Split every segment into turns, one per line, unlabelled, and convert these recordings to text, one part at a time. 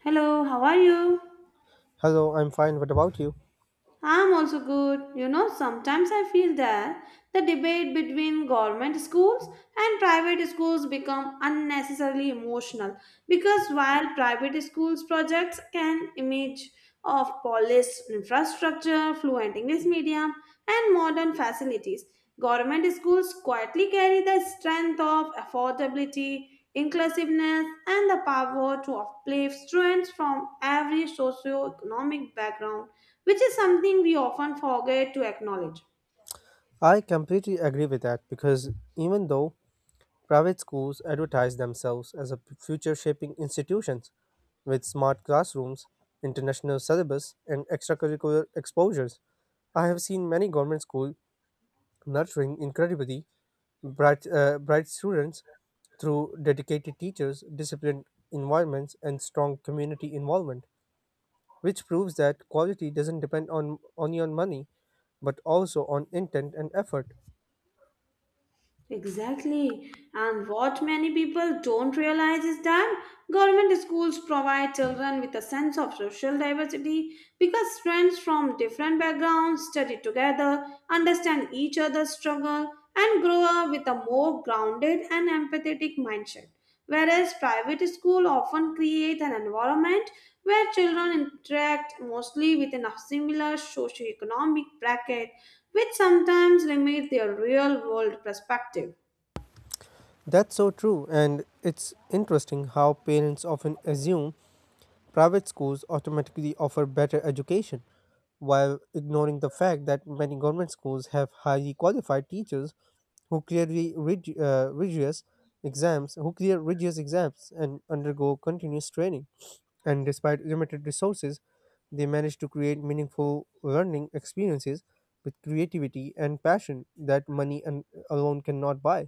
Hello, how are you?
Hello, I'm fine. What about you?
I'm also good. You know, sometimes I feel that the debate between government schools and private schools become unnecessarily emotional because while private schools projects can image of polished infrastructure, fluent English medium, and modern facilities, government schools quietly carry the strength of affordability, inclusiveness, and the power to uplift students from every socio-economic background which is something we often forget to acknowledge.
I completely agree with that because even though private schools advertise themselves as a future shaping institutions with smart classrooms, international syllabus, and extracurricular exposures, I have seen many government schools nurturing incredibly bright students through dedicated teachers, disciplined environments, and strong community involvement, which proves that quality doesn't depend on only on money but also on intent and effort.
Exactly. And what many people don't realize is that government schools provide children with a sense of social diversity because students from different backgrounds study together, understand each other's struggle, and grow up with a more grounded and empathetic mindset. Whereas private school often create an environment where children interact mostly within a similar socioeconomic bracket which sometimes limit their real world perspective.
That's so true, and it's interesting how parents often assume private schools automatically offer better education, while ignoring the fact that many government schools have highly qualified teachers who clearly rig- uh, rigorous who clear rigorous exams and undergo continuous training. And despite limited resources, they manage to create meaningful learning experiences with creativity and passion that money and alone cannot buy.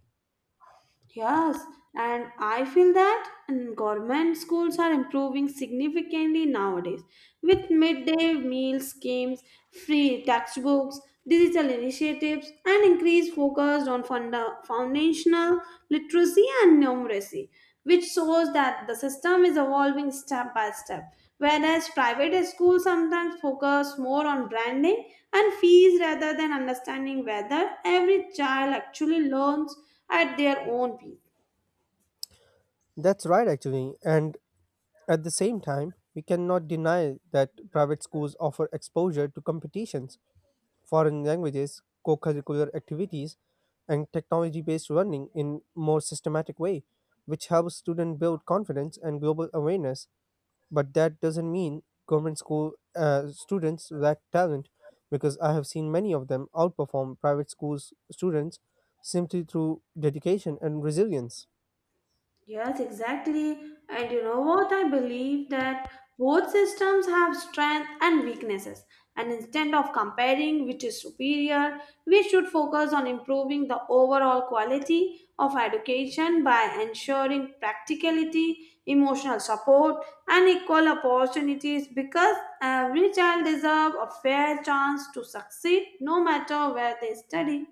Yes, and I feel that government schools are improving significantly nowadays with midday meal schemes, free textbooks, digital initiatives, and increased focus on foundational literacy and numeracy, which shows that the system is evolving step by step. Whereas private schools sometimes focus more on branding and fees rather than understanding whether every child actually learns at their own pace.
That's right, actually. And at the same time, we cannot deny that private schools offer exposure to competitions, foreign languages, co curricular activities, and technology based learning in more systematic way, which helps students build confidence and global awareness. But that doesn't mean government school students lack talent, because I have seen many of them outperform private schools students simply through dedication and resilience.
Yes, exactly. And you know what? I believe that both systems have strengths and weaknesses. And instead of comparing which is superior, we should focus on improving the overall quality of education by ensuring practicality, emotional support, and equal opportunities because every child deserves a fair chance to succeed no matter where they study.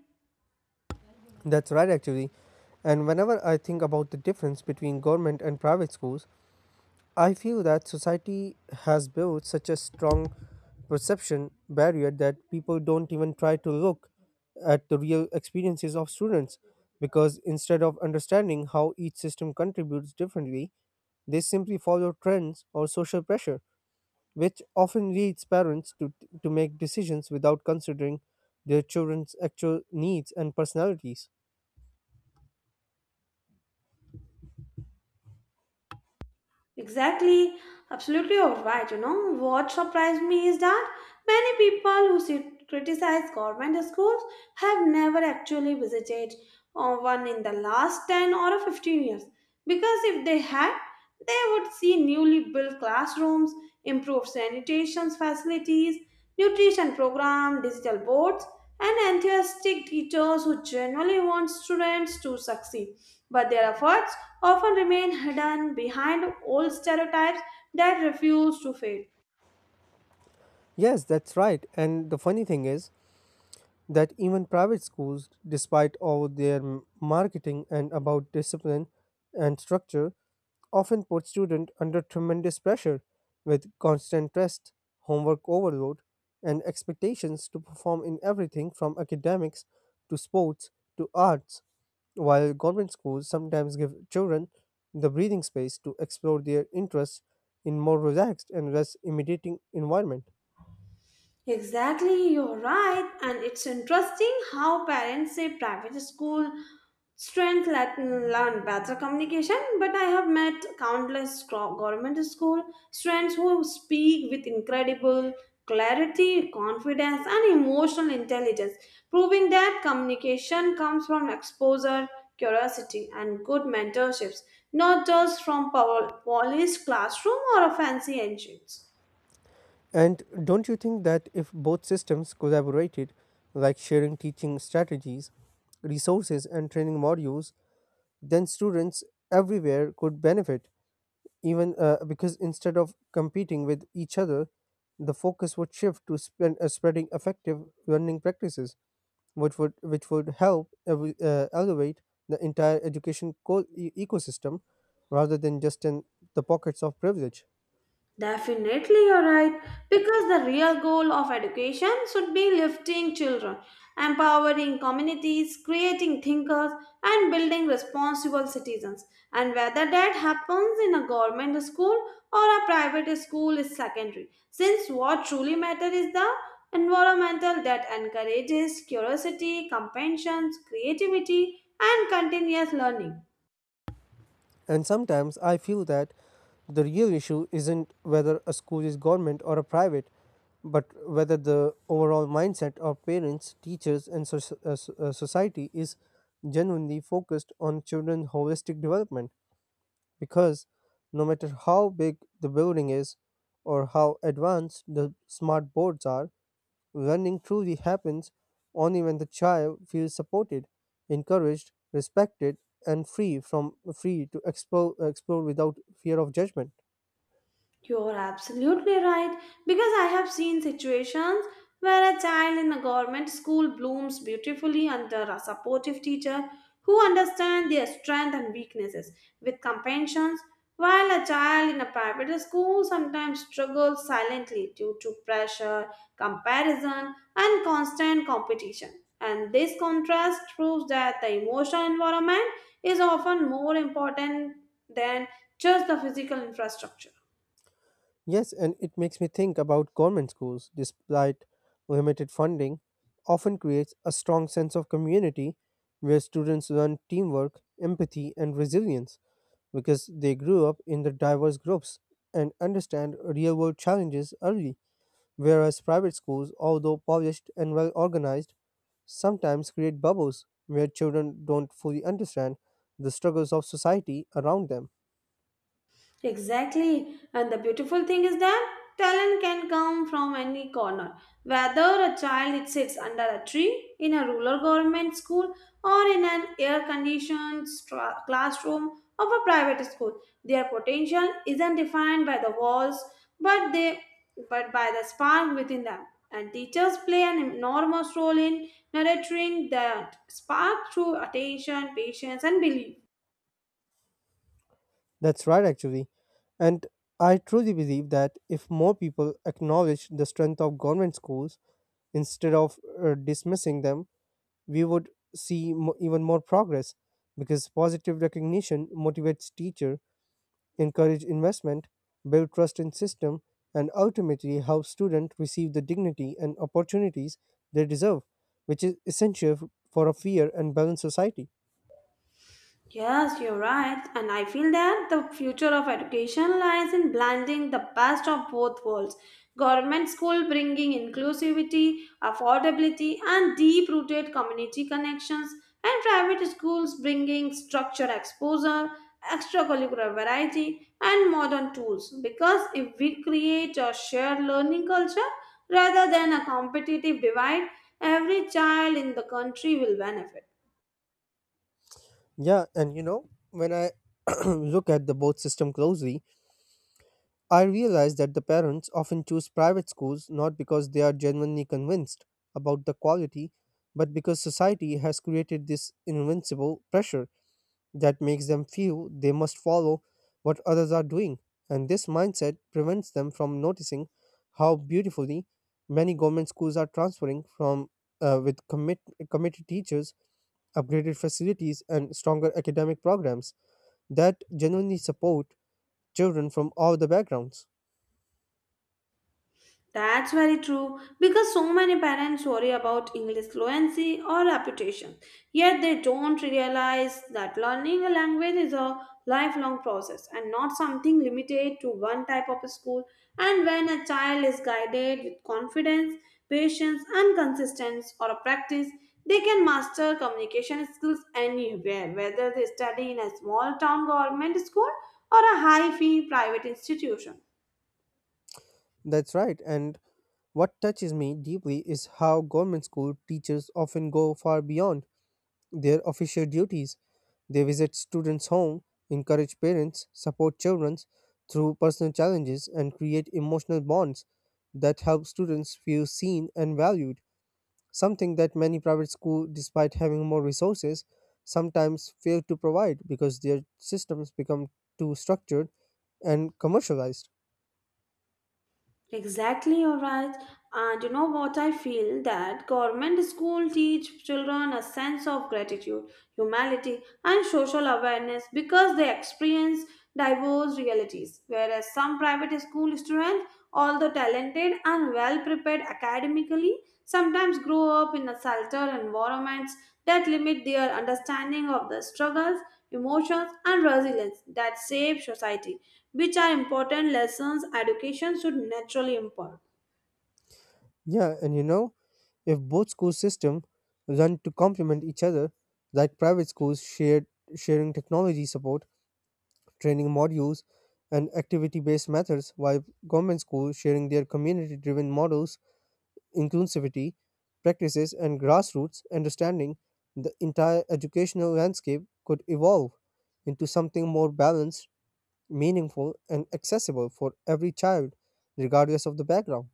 That's right, actually. And whenever I think about the difference between government and private schools, I feel that society has built such a strong perception barrier that people don't even try to look at the real experiences of students because instead of understanding how each system contributes differently, they simply follow trends or social pressure, which often leads parents to make decisions without considering their children's actual needs and personalities.
Exactly, absolutely you're right. You know, what surprised me is that many people who criticize government schools have never actually visited one in the last 10 or 15 years because if they had, they would see newly built classrooms, improved sanitation facilities, nutrition program, digital boards, and enthusiastic teachers who genuinely want students to succeed. But their efforts often remain hidden behind old stereotypes that refuse to fade.
Yes, that's right. And the funny thing is that even private schools, despite all their marketing and about discipline and structure, often put students under tremendous pressure with constant test, homework overload, and expectations to perform in everything from academics to sports to arts, while government schools sometimes give children the breathing space to explore their interests in more relaxed and less intimidating environment.
Exactly, you're right. And it's interesting how parents say private school strength let learn better communication, but I have met countless government school students who speak with incredible clarity, confidence, and emotional intelligence, proving that communication comes from exposure, curiosity, and good mentorships, not just from polished classroom or a fancy engines.
And don't you think that if both systems collaborated, like sharing teaching strategies, resources, and training modules, then students everywhere could benefit? Even because instead of competing with each other, the focus would shift to spreading effective learning practices, which would help elevate the entire education ecosystem rather than just in the pockets of privilege.
Definitely, you're right. Because the real goal of education should be lifting children, empowering communities, creating thinkers, and building responsible citizens. And whether that happens in a government school or a private school is secondary, since what truly matters is the environmental that encourages curiosity, compassion, creativity, and continuous learning.
And sometimes I feel that the real issue isn't whether a school is government or a private, but whether the overall mindset of parents, teachers, and society is genuinely focused on children's holistic development. Because no matter how big the building is or how advanced the smart boards are, learning truly happens only when the child feels supported, encouraged, respected, and free to explore without fear of judgment.
You're absolutely right because I have seen situations where a child in a government school blooms beautifully under a supportive teacher who understands their strengths and weaknesses with compassion, while a child in a private school sometimes struggles silently due to pressure, comparison, and constant competition. And this contrast proves that the emotional environment is often more important than just the physical infrastructure.
Yes, and it makes me think about government schools, despite limited funding, often creates a strong sense of community where students learn teamwork, empathy, and resilience because they grew up in the diverse groups and understand real world challenges early. Whereas private schools, although polished and well organized, sometimes create bubbles where children don't fully understand the struggles of society around them.
Exactly. And the beautiful thing is that talent can come from any corner. Whether a child sits under a tree, in a rural government school, or in an air conditioned classroom of a private school, their potential isn't defined by the walls but they but by the spark within them. And teachers play an enormous role in nurturing that spark through attention, patience, and belief.
That's right, actually. And I truly believe that if more people acknowledge the strength of government schools instead of dismissing them, we would see even more progress because positive recognition motivates teacher encourage investment, build trust in system, and ultimately help students receive the dignity and opportunities they deserve, which is essential for a fair and balanced society.
Yes, you're right. And I feel that the future of education lies in blending the best of both worlds. Government school bringing inclusivity, affordability, and deep rooted community connections, and private schools bringing structured exposure, extracurricular variety, and modern tools. Because if we create a shared learning culture rather than a competitive divide, every child in the country will benefit.
Yeah, and when I look at the both system closely, I realize that the parents often choose private schools not because they are genuinely convinced about the quality, but because society has created this invincible pressure that makes them feel they must follow what others are doing, and this mindset prevents them from noticing how beautifully many government schools are transferring from with committed teachers, upgraded facilities, and stronger academic programs that genuinely support children from all the backgrounds.
That's very true because so many parents worry about English fluency or reputation, yet they don't realize that learning a language is a lifelong process and not something limited to one type of school. And when a child is guided with confidence, patience, and consistency or a practice, they can master communication skills anywhere, whether they study in a small town government school or a high fee private institution.
That's right, and what touches me deeply is how government school teachers often go far beyond their official duties. They visit students' home, encourage parents, support children through personal challenges, and create emotional bonds that help students feel seen and valued. Something that many private schools, despite having more resources, sometimes fail to provide because their systems become too structured and commercialized.
Exactly, you're right. And you know what I feel that government school teach children a sense of gratitude, humility, and social awareness because they experience diverse realities. Whereas some private school students, although talented and well prepared academically, sometimes grow up in a sheltered environments that limit their understanding of the struggles, emotions, and resilience that shape society which are important lessons education should naturally impart.
Yeah, and if both school systems run to complement each other, like private schools shared sharing technology support training modules, and activity based methods, while government schools sharing their community driven models, inclusivity practices, and grassroots understanding, the entire educational landscape could evolve into something more balanced, meaningful, and accessible for every child, regardless of the background.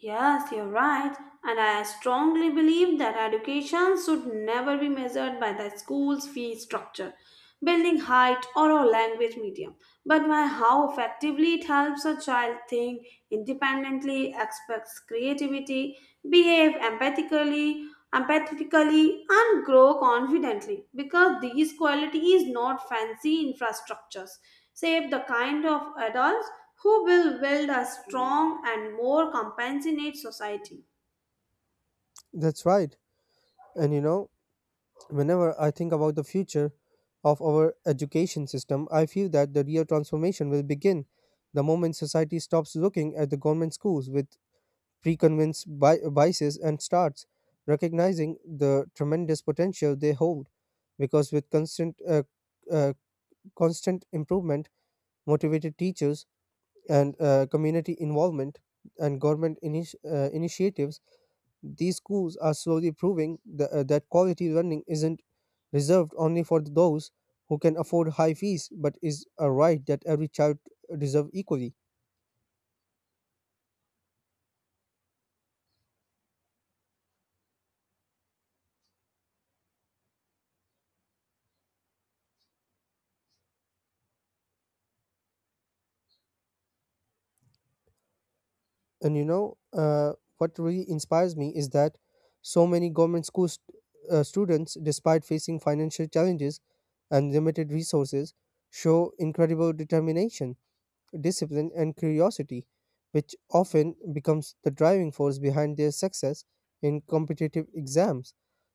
Yes, you're right, and I strongly believe that education should never be measured by the school's fee structure, building height, or a language medium, but by how effectively it helps a child think independently, express creativity, behave empathetically and grow confidently because these qualities not fancy infrastructures save the kind of adults who will build a strong and more compassionate society.
That's right. And whenever I think about the future of our education system, I feel that the real transformation will begin the moment society stops looking at the government schools with preconceived biases and starts recognizing the tremendous potential they hold. Because with uh, constant improvement, motivated teachers, and community involvement and government initiatives, these schools are slowly proving that quality learning isn't reserved only for those who can afford high fees, but is a right that every child deserves equally. And what really inspires me is that so many government school students, despite facing financial challenges and limited resources, show incredible determination, discipline, and curiosity, which often becomes the driving force behind their success in competitive exams,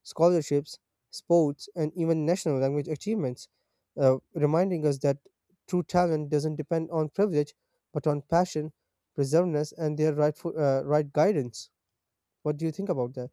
scholarships, sports, and even national language achievements, reminding us that true talent doesn't depend on privilege but on passion, perseverance, and their right guidance. What do you think about that?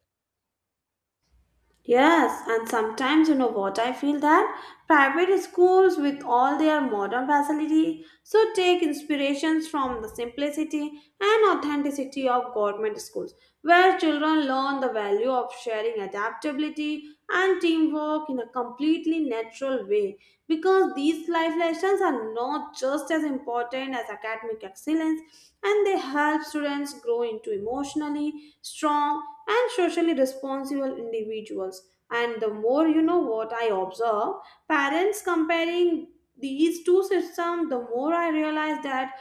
Yes, and sometimes you know what I feel that private schools with all their modern facility should take inspirations from the simplicity and authenticity of government schools where children learn the value of sharing adaptability and teamwork in a completely natural way because these life lessons are not just as important as academic excellence and they help students grow into emotionally strong and socially responsible individuals. And the more you know what I observe, parents comparing these two systems, the more I realize that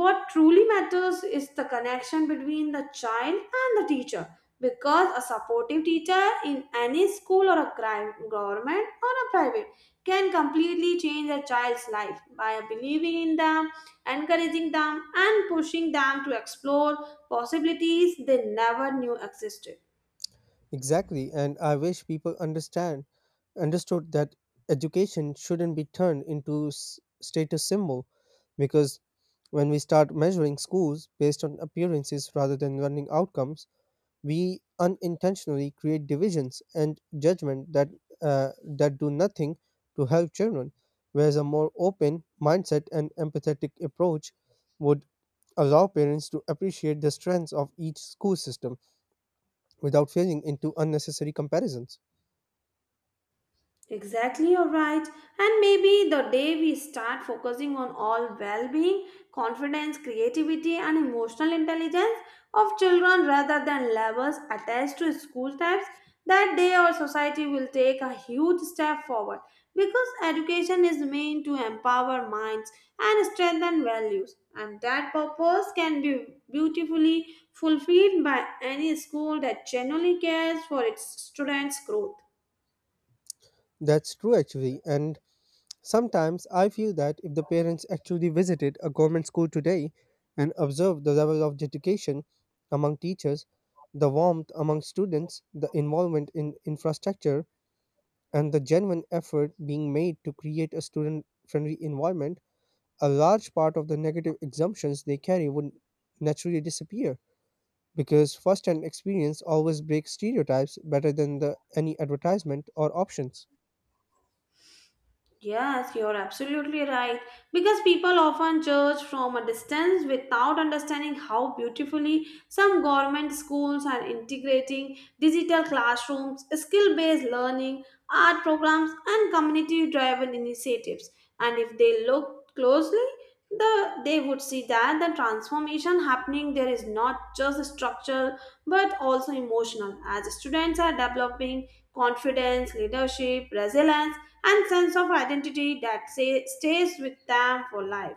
what truly matters is the connection between the child and the teacher. Because a supportive teacher in any school or a crime, government or a private can completely change a child's life by believing in them, encouraging them, and pushing them to explore possibilities they never knew existed.
Exactly, and I wish people understand understood that education shouldn't be turned into status symbol because when we start measuring schools based on appearances rather than learning outcomes, we unintentionally create divisions and judgment that do nothing to help children. Whereas a more open mindset and empathetic approach would allow parents to appreciate the strengths of each school system without falling into unnecessary comparisons.
Exactly, you're right. And maybe the day we start focusing on all well being, confidence, creativity, and emotional intelligence of children rather than levels attached to school types, that day our society will take a huge step forward because education is meant to empower minds and strengthen values. And that purpose can be beautifully fulfilled by any school that genuinely cares for its students' growth.
That's true, actually. And sometimes I feel that if the parents actually visited a government school today and observed the level of dedication among teachers, the warmth among students, the involvement in infrastructure, and the genuine effort being made to create a student friendly environment, a large part of the negative assumptions they carry would naturally disappear, because first-hand experience always breaks stereotypes better than the any advertisement or options.
Yes, you're absolutely right. Because people often judge from a distance without understanding how beautifully some government schools are integrating digital classrooms, skill based learning, art programs, and community driven initiatives. And if they look closely, they would see that the transformation happening there is not just structural but also emotional, as students are developing confidence, leadership, resilience and sense of identity that stays with them for life.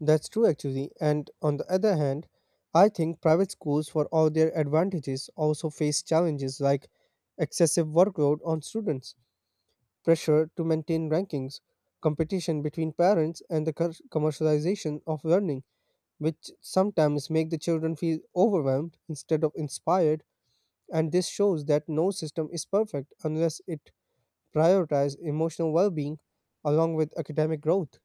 That's true actually. And on the other hand, I think private schools for all their advantages also face challenges like excessive workload on students, pressure to maintain rankings, competition between parents and the commercialization of learning, which sometimes make the children feel overwhelmed instead of inspired, and this shows that no system is perfect unless it prioritize emotional well being along with academic growth.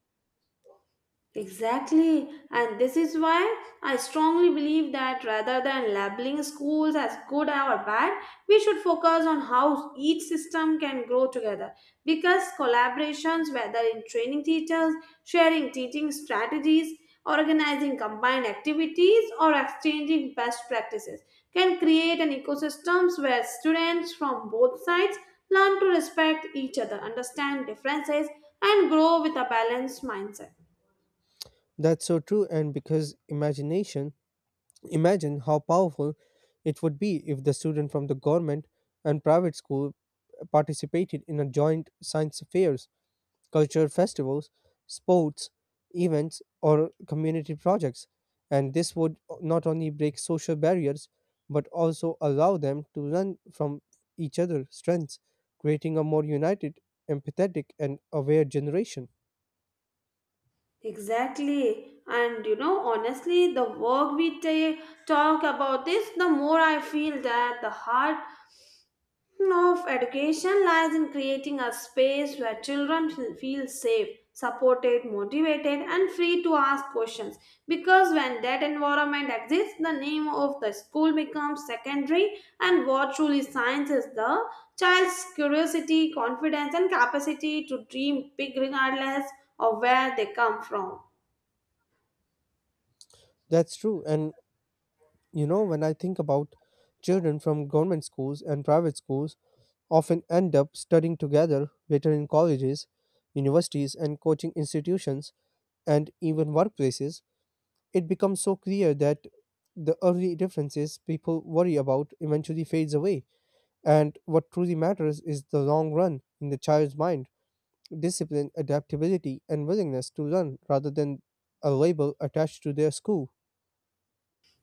Exactly, and this is why I strongly believe that rather than labeling schools as good or bad, we should focus on how each system can grow together. Because collaborations, whether in training teachers, sharing teaching strategies, organizing combined activities, or exchanging best practices, can create an ecosystems where students from both sides learn to respect each other, understand differences, and grow with a balanced mindset.
That's so true, and because imagine how powerful it would be if the student from the government and private school participated in a joint science fair, culture festivals, sports, events, or community projects. And this would not only break social barriers, but also allow them to learn from each other's strengths, creating a more united, empathetic, and aware generation.
Exactly. And you know, honestly, the work we talk about this, the more I feel that the heart of education lies in creating a space where children feel safe, supported, motivated, and free to ask questions. Because when that environment exists, the name of the school becomes secondary, and what truly science is the child's curiosity, confidence, and capacity to dream big regardless of where they come from.
That's true. And when I think about children from government schools and private schools, often end up studying together later in colleges, universities, and coaching institutions, and even workplaces, it becomes so clear that the early differences people worry about eventually fades away, and what truly matters is the long run in the child's mind, discipline, adaptability, and willingness to learn rather than a label attached to their school.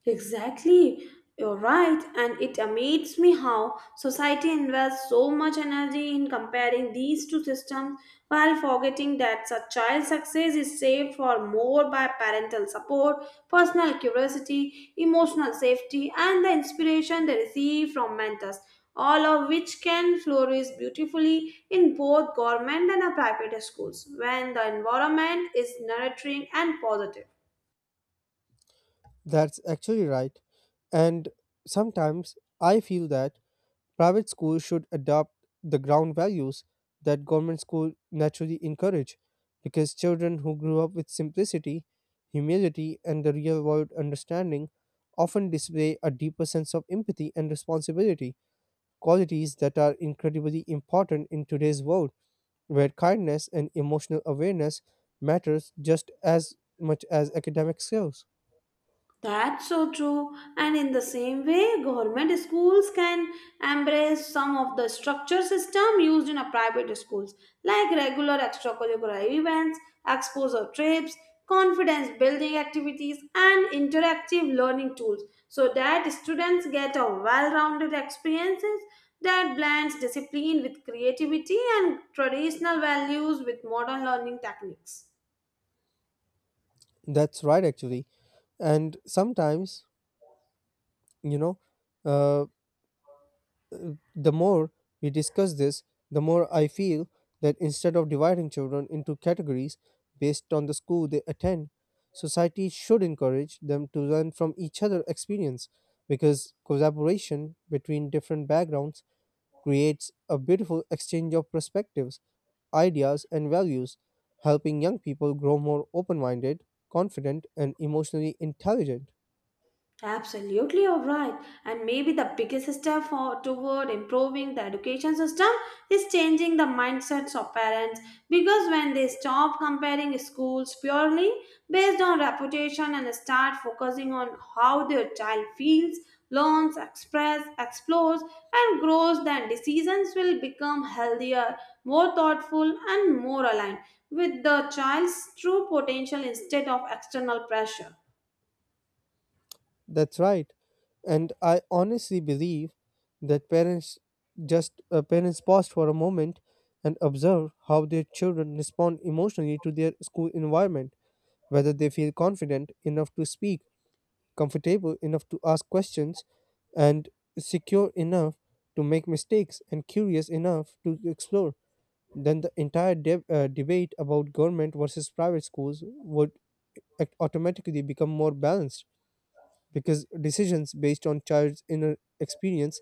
Exactly, you're right, and it amazes me how society invests so much energy in comparing these two systems while forgetting that such child success is saved for more by parental support, personal curiosity, emotional safety, and the inspiration they receive from mentors, all of which can flourish beautifully in both government and private schools when the environment is nurturing and positive.
That's actually right. And sometimes I feel that private schools should adopt the ground values that government schools naturally encourage because children who grow up with simplicity, humility, and the real world understanding often display a deeper sense of empathy and responsibility, qualities that are incredibly important in today's world where kindness and emotional awareness matters just as much as academic skills.
That's so true. And in the same way, government schools can embrace some of the structure system used in a private schools, like regular extracurricular events, exposure trips, confidence building activities, and interactive learning tools, so that students get a well-rounded experiences that blends discipline with creativity and traditional values with modern learning techniques.
That's right, actually. And sometimes, you know, uh, The more we discuss this, the more I feel that instead of dividing children into categories based on the school they attend, society should encourage them to learn from each other's experience because collaboration between different backgrounds creates a beautiful exchange of perspectives, ideas, and values, helping young people grow more open minded, confident, and emotionally intelligent.
Absolutely, you're right. And maybe the biggest step toward improving the education system is changing the mindsets of parents because when they stop comparing schools purely based on reputation and start focusing on how their child feels, learns, express, explores, and grows, then decisions will become healthier, more thoughtful, and more aligned with the child's true potential instead of external pressure.
That's right. And I honestly believe that parents pause for a moment and observe how their children respond emotionally to their school environment, whether they feel confident enough to speak, comfortable enough to ask questions, and secure enough to make mistakes and curious enough to explore. Then the entire debate about government versus private schools would automatically become more balanced because decisions based on child's inner experience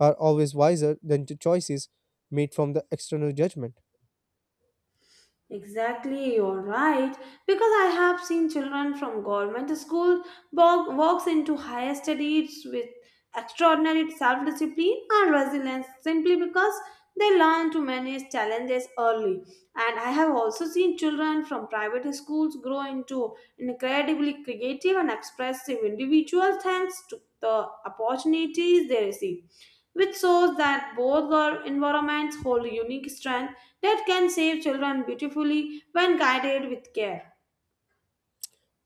are always wiser than the choices made from the external judgment.
Exactly, you're right. Because I have seen children from government school walks into higher studies with extraordinary self-discipline and resilience simply because they learn to manage challenges early. And I have also seen children from private schools grow into incredibly creative and expressive individuals thanks to the opportunities they receive, which shows that both our environments hold unique strength that can save children beautifully when guided with care.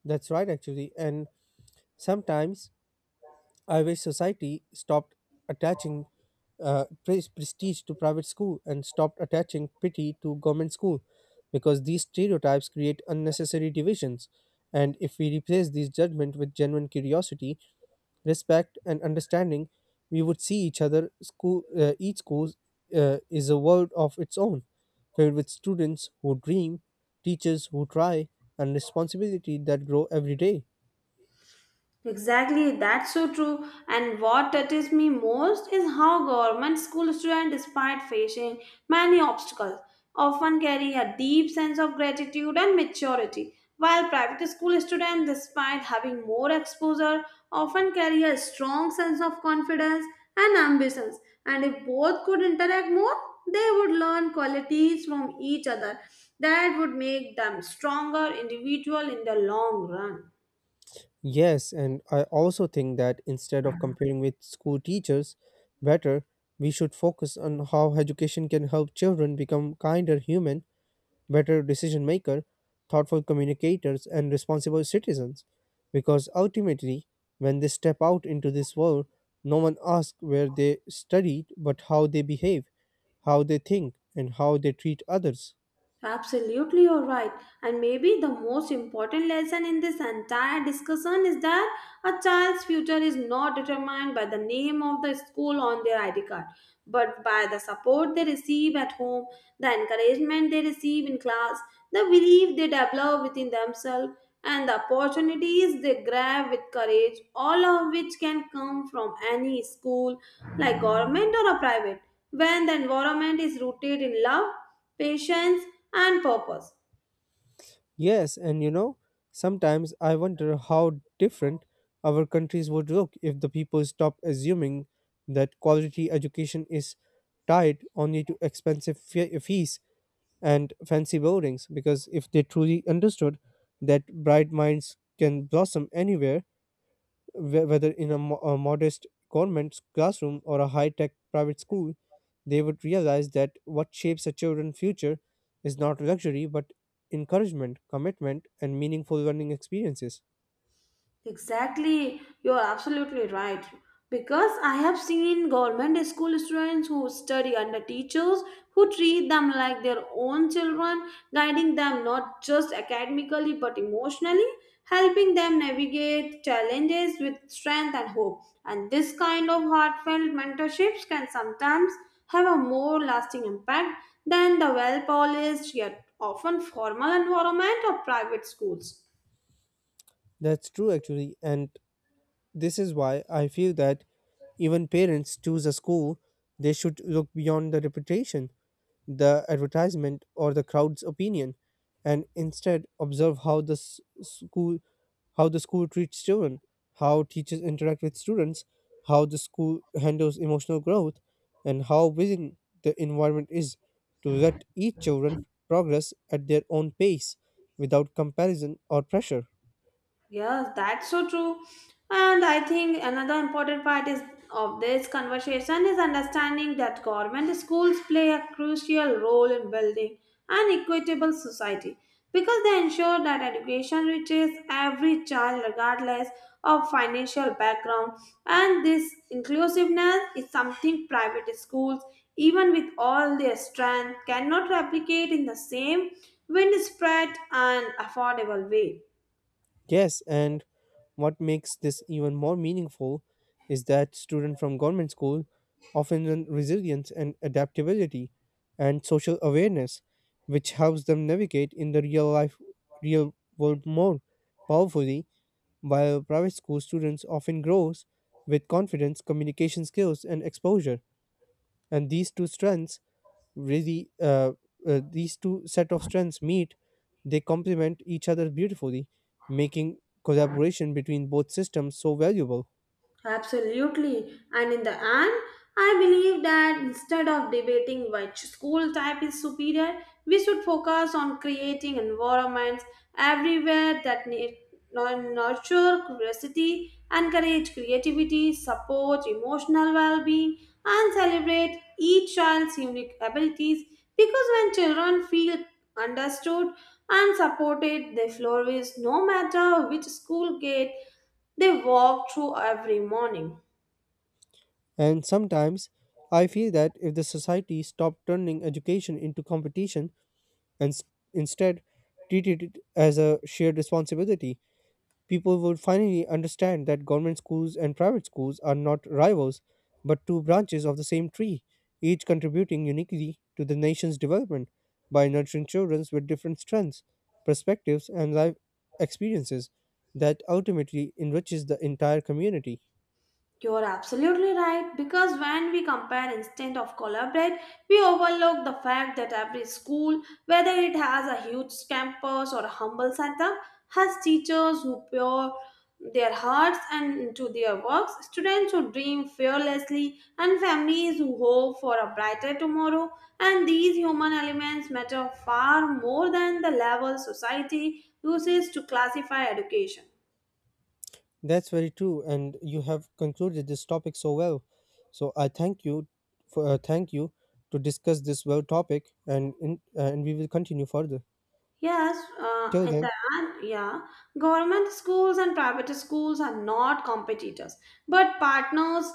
That's right, actually. And sometimes I wish society stopped attaching prestige to private school and stopped attaching pity to government school because these stereotypes create unnecessary divisions. And if we replace these judgment with genuine curiosity, respect, and understanding, we would see each school is a world of its own, filled with students who dream, teachers who try, and responsibility that grow every day.
Exactly, that's so true. And what touches me most is how government school students, despite facing many obstacles, often carry a deep sense of gratitude and maturity, while private school students, despite having more exposure, often carry a strong sense of confidence and ambitions. And if both could interact more, they would learn qualities from each other that would make them stronger individual in the long run.
Yes, and I also think that instead of comparing with school teachers, better, we should focus on how education can help children become kinder human, better decision maker, thoughtful communicators and responsible citizens. Because ultimately, when they step out into this world, no one asks where they studied, but how they behave, how they think, and how they treat others.
Absolutely, you're right. And maybe the most important lesson in this entire discussion is that a child's future is not determined by the name of the school on their ID card, but by the support they receive at home, the encouragement they receive in class, the belief they develop within themselves, and the opportunities they grab with courage, all of which can come from any school, like government or a private, when the environment is rooted in love, patience, and purpose.
Yes, and sometimes I wonder how different our countries would look if the people stopped assuming that quality education is tied only to expensive fees and fancy buildings. Because if they truly understood that bright minds can blossom anywhere, whether in a modest government classroom or a high tech private school, they would realize that what shapes a children's future is not luxury but encouragement, commitment, and meaningful learning experiences.
Exactly, you're absolutely right. Because I have seen government school students who study under teachers who treat them like their own children, guiding them not just academically but emotionally, helping them navigate challenges with strength and hope. And this kind of heartfelt mentorships can sometimes have a more lasting impact than the well polished yet often formal environment of private schools.
That's true, actually, and this is why I feel that even parents choose a school, they should look beyond the reputation, the advertisement or the crowd's opinion and instead observe how the school treats children, how teachers interact with students, how the school handles emotional growth, and how willing the environment is to let each children progress at their own pace without comparison or pressure.
Yes, that's so true. And I think another important part is of this conversation is understanding that government schools play a crucial role in building an equitable society because they ensure that education reaches every child regardless of financial background and this inclusiveness is something private schools even with all their strength cannot replicate in the same widespread and affordable way.
Yes, and what makes this even more meaningful is that students from government school often learn resilience and adaptability and social awareness, which helps them navigate in the real world more powerfully, while private school students often grows with confidence, communication skills, and exposure. And these really uh, two set of strengths meet, they complement each other beautifully, making collaboration between both systems so valuable.
Absolutely. And in the end, I believe that instead of debating which school type is superior, we should focus on creating environments everywhere that nurture curiosity, encourage creativity, support emotional well being, and celebrate each child's unique abilities. Because when children feel understood and supported, they flourish no matter which school gate they walk through every morning.
And sometimes I feel that if the society stopped turning education into competition and instead treated it as a shared responsibility, people would finally understand that government schools and private schools are not rivals but two branches of the same tree, each contributing uniquely to the nation's development by nurturing children with different strengths, perspectives, and life experiences that ultimately enriches the entire community.
You are absolutely right because when we compare instead of collaborate, we overlook the fact that every school, whether it has a huge campus or a humble setup, has teachers who pour their hearts and into their works, students who dream fearlessly, and families who hope for a brighter tomorrow. And these human elements matter far more than the level society uses to classify education.
That's very true, and you have concluded this topic so well. So I thank you to discuss this well topic, and and we will continue further.
Yes,
Till
in the
then.
end, yeah, government schools and private schools are not competitors, but partners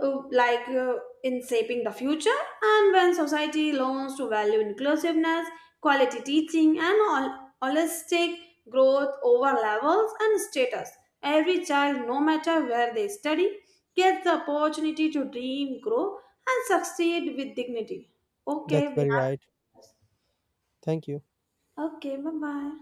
uh, like uh, in shaping the future. And when society learns to value inclusiveness, quality teaching, and holistic growth over levels and status, every child, no matter where they study, gets the opportunity to dream, grow, and succeed with dignity. Okay,
That's
we
very
have.
right. Thank you.
Okay, bye bye.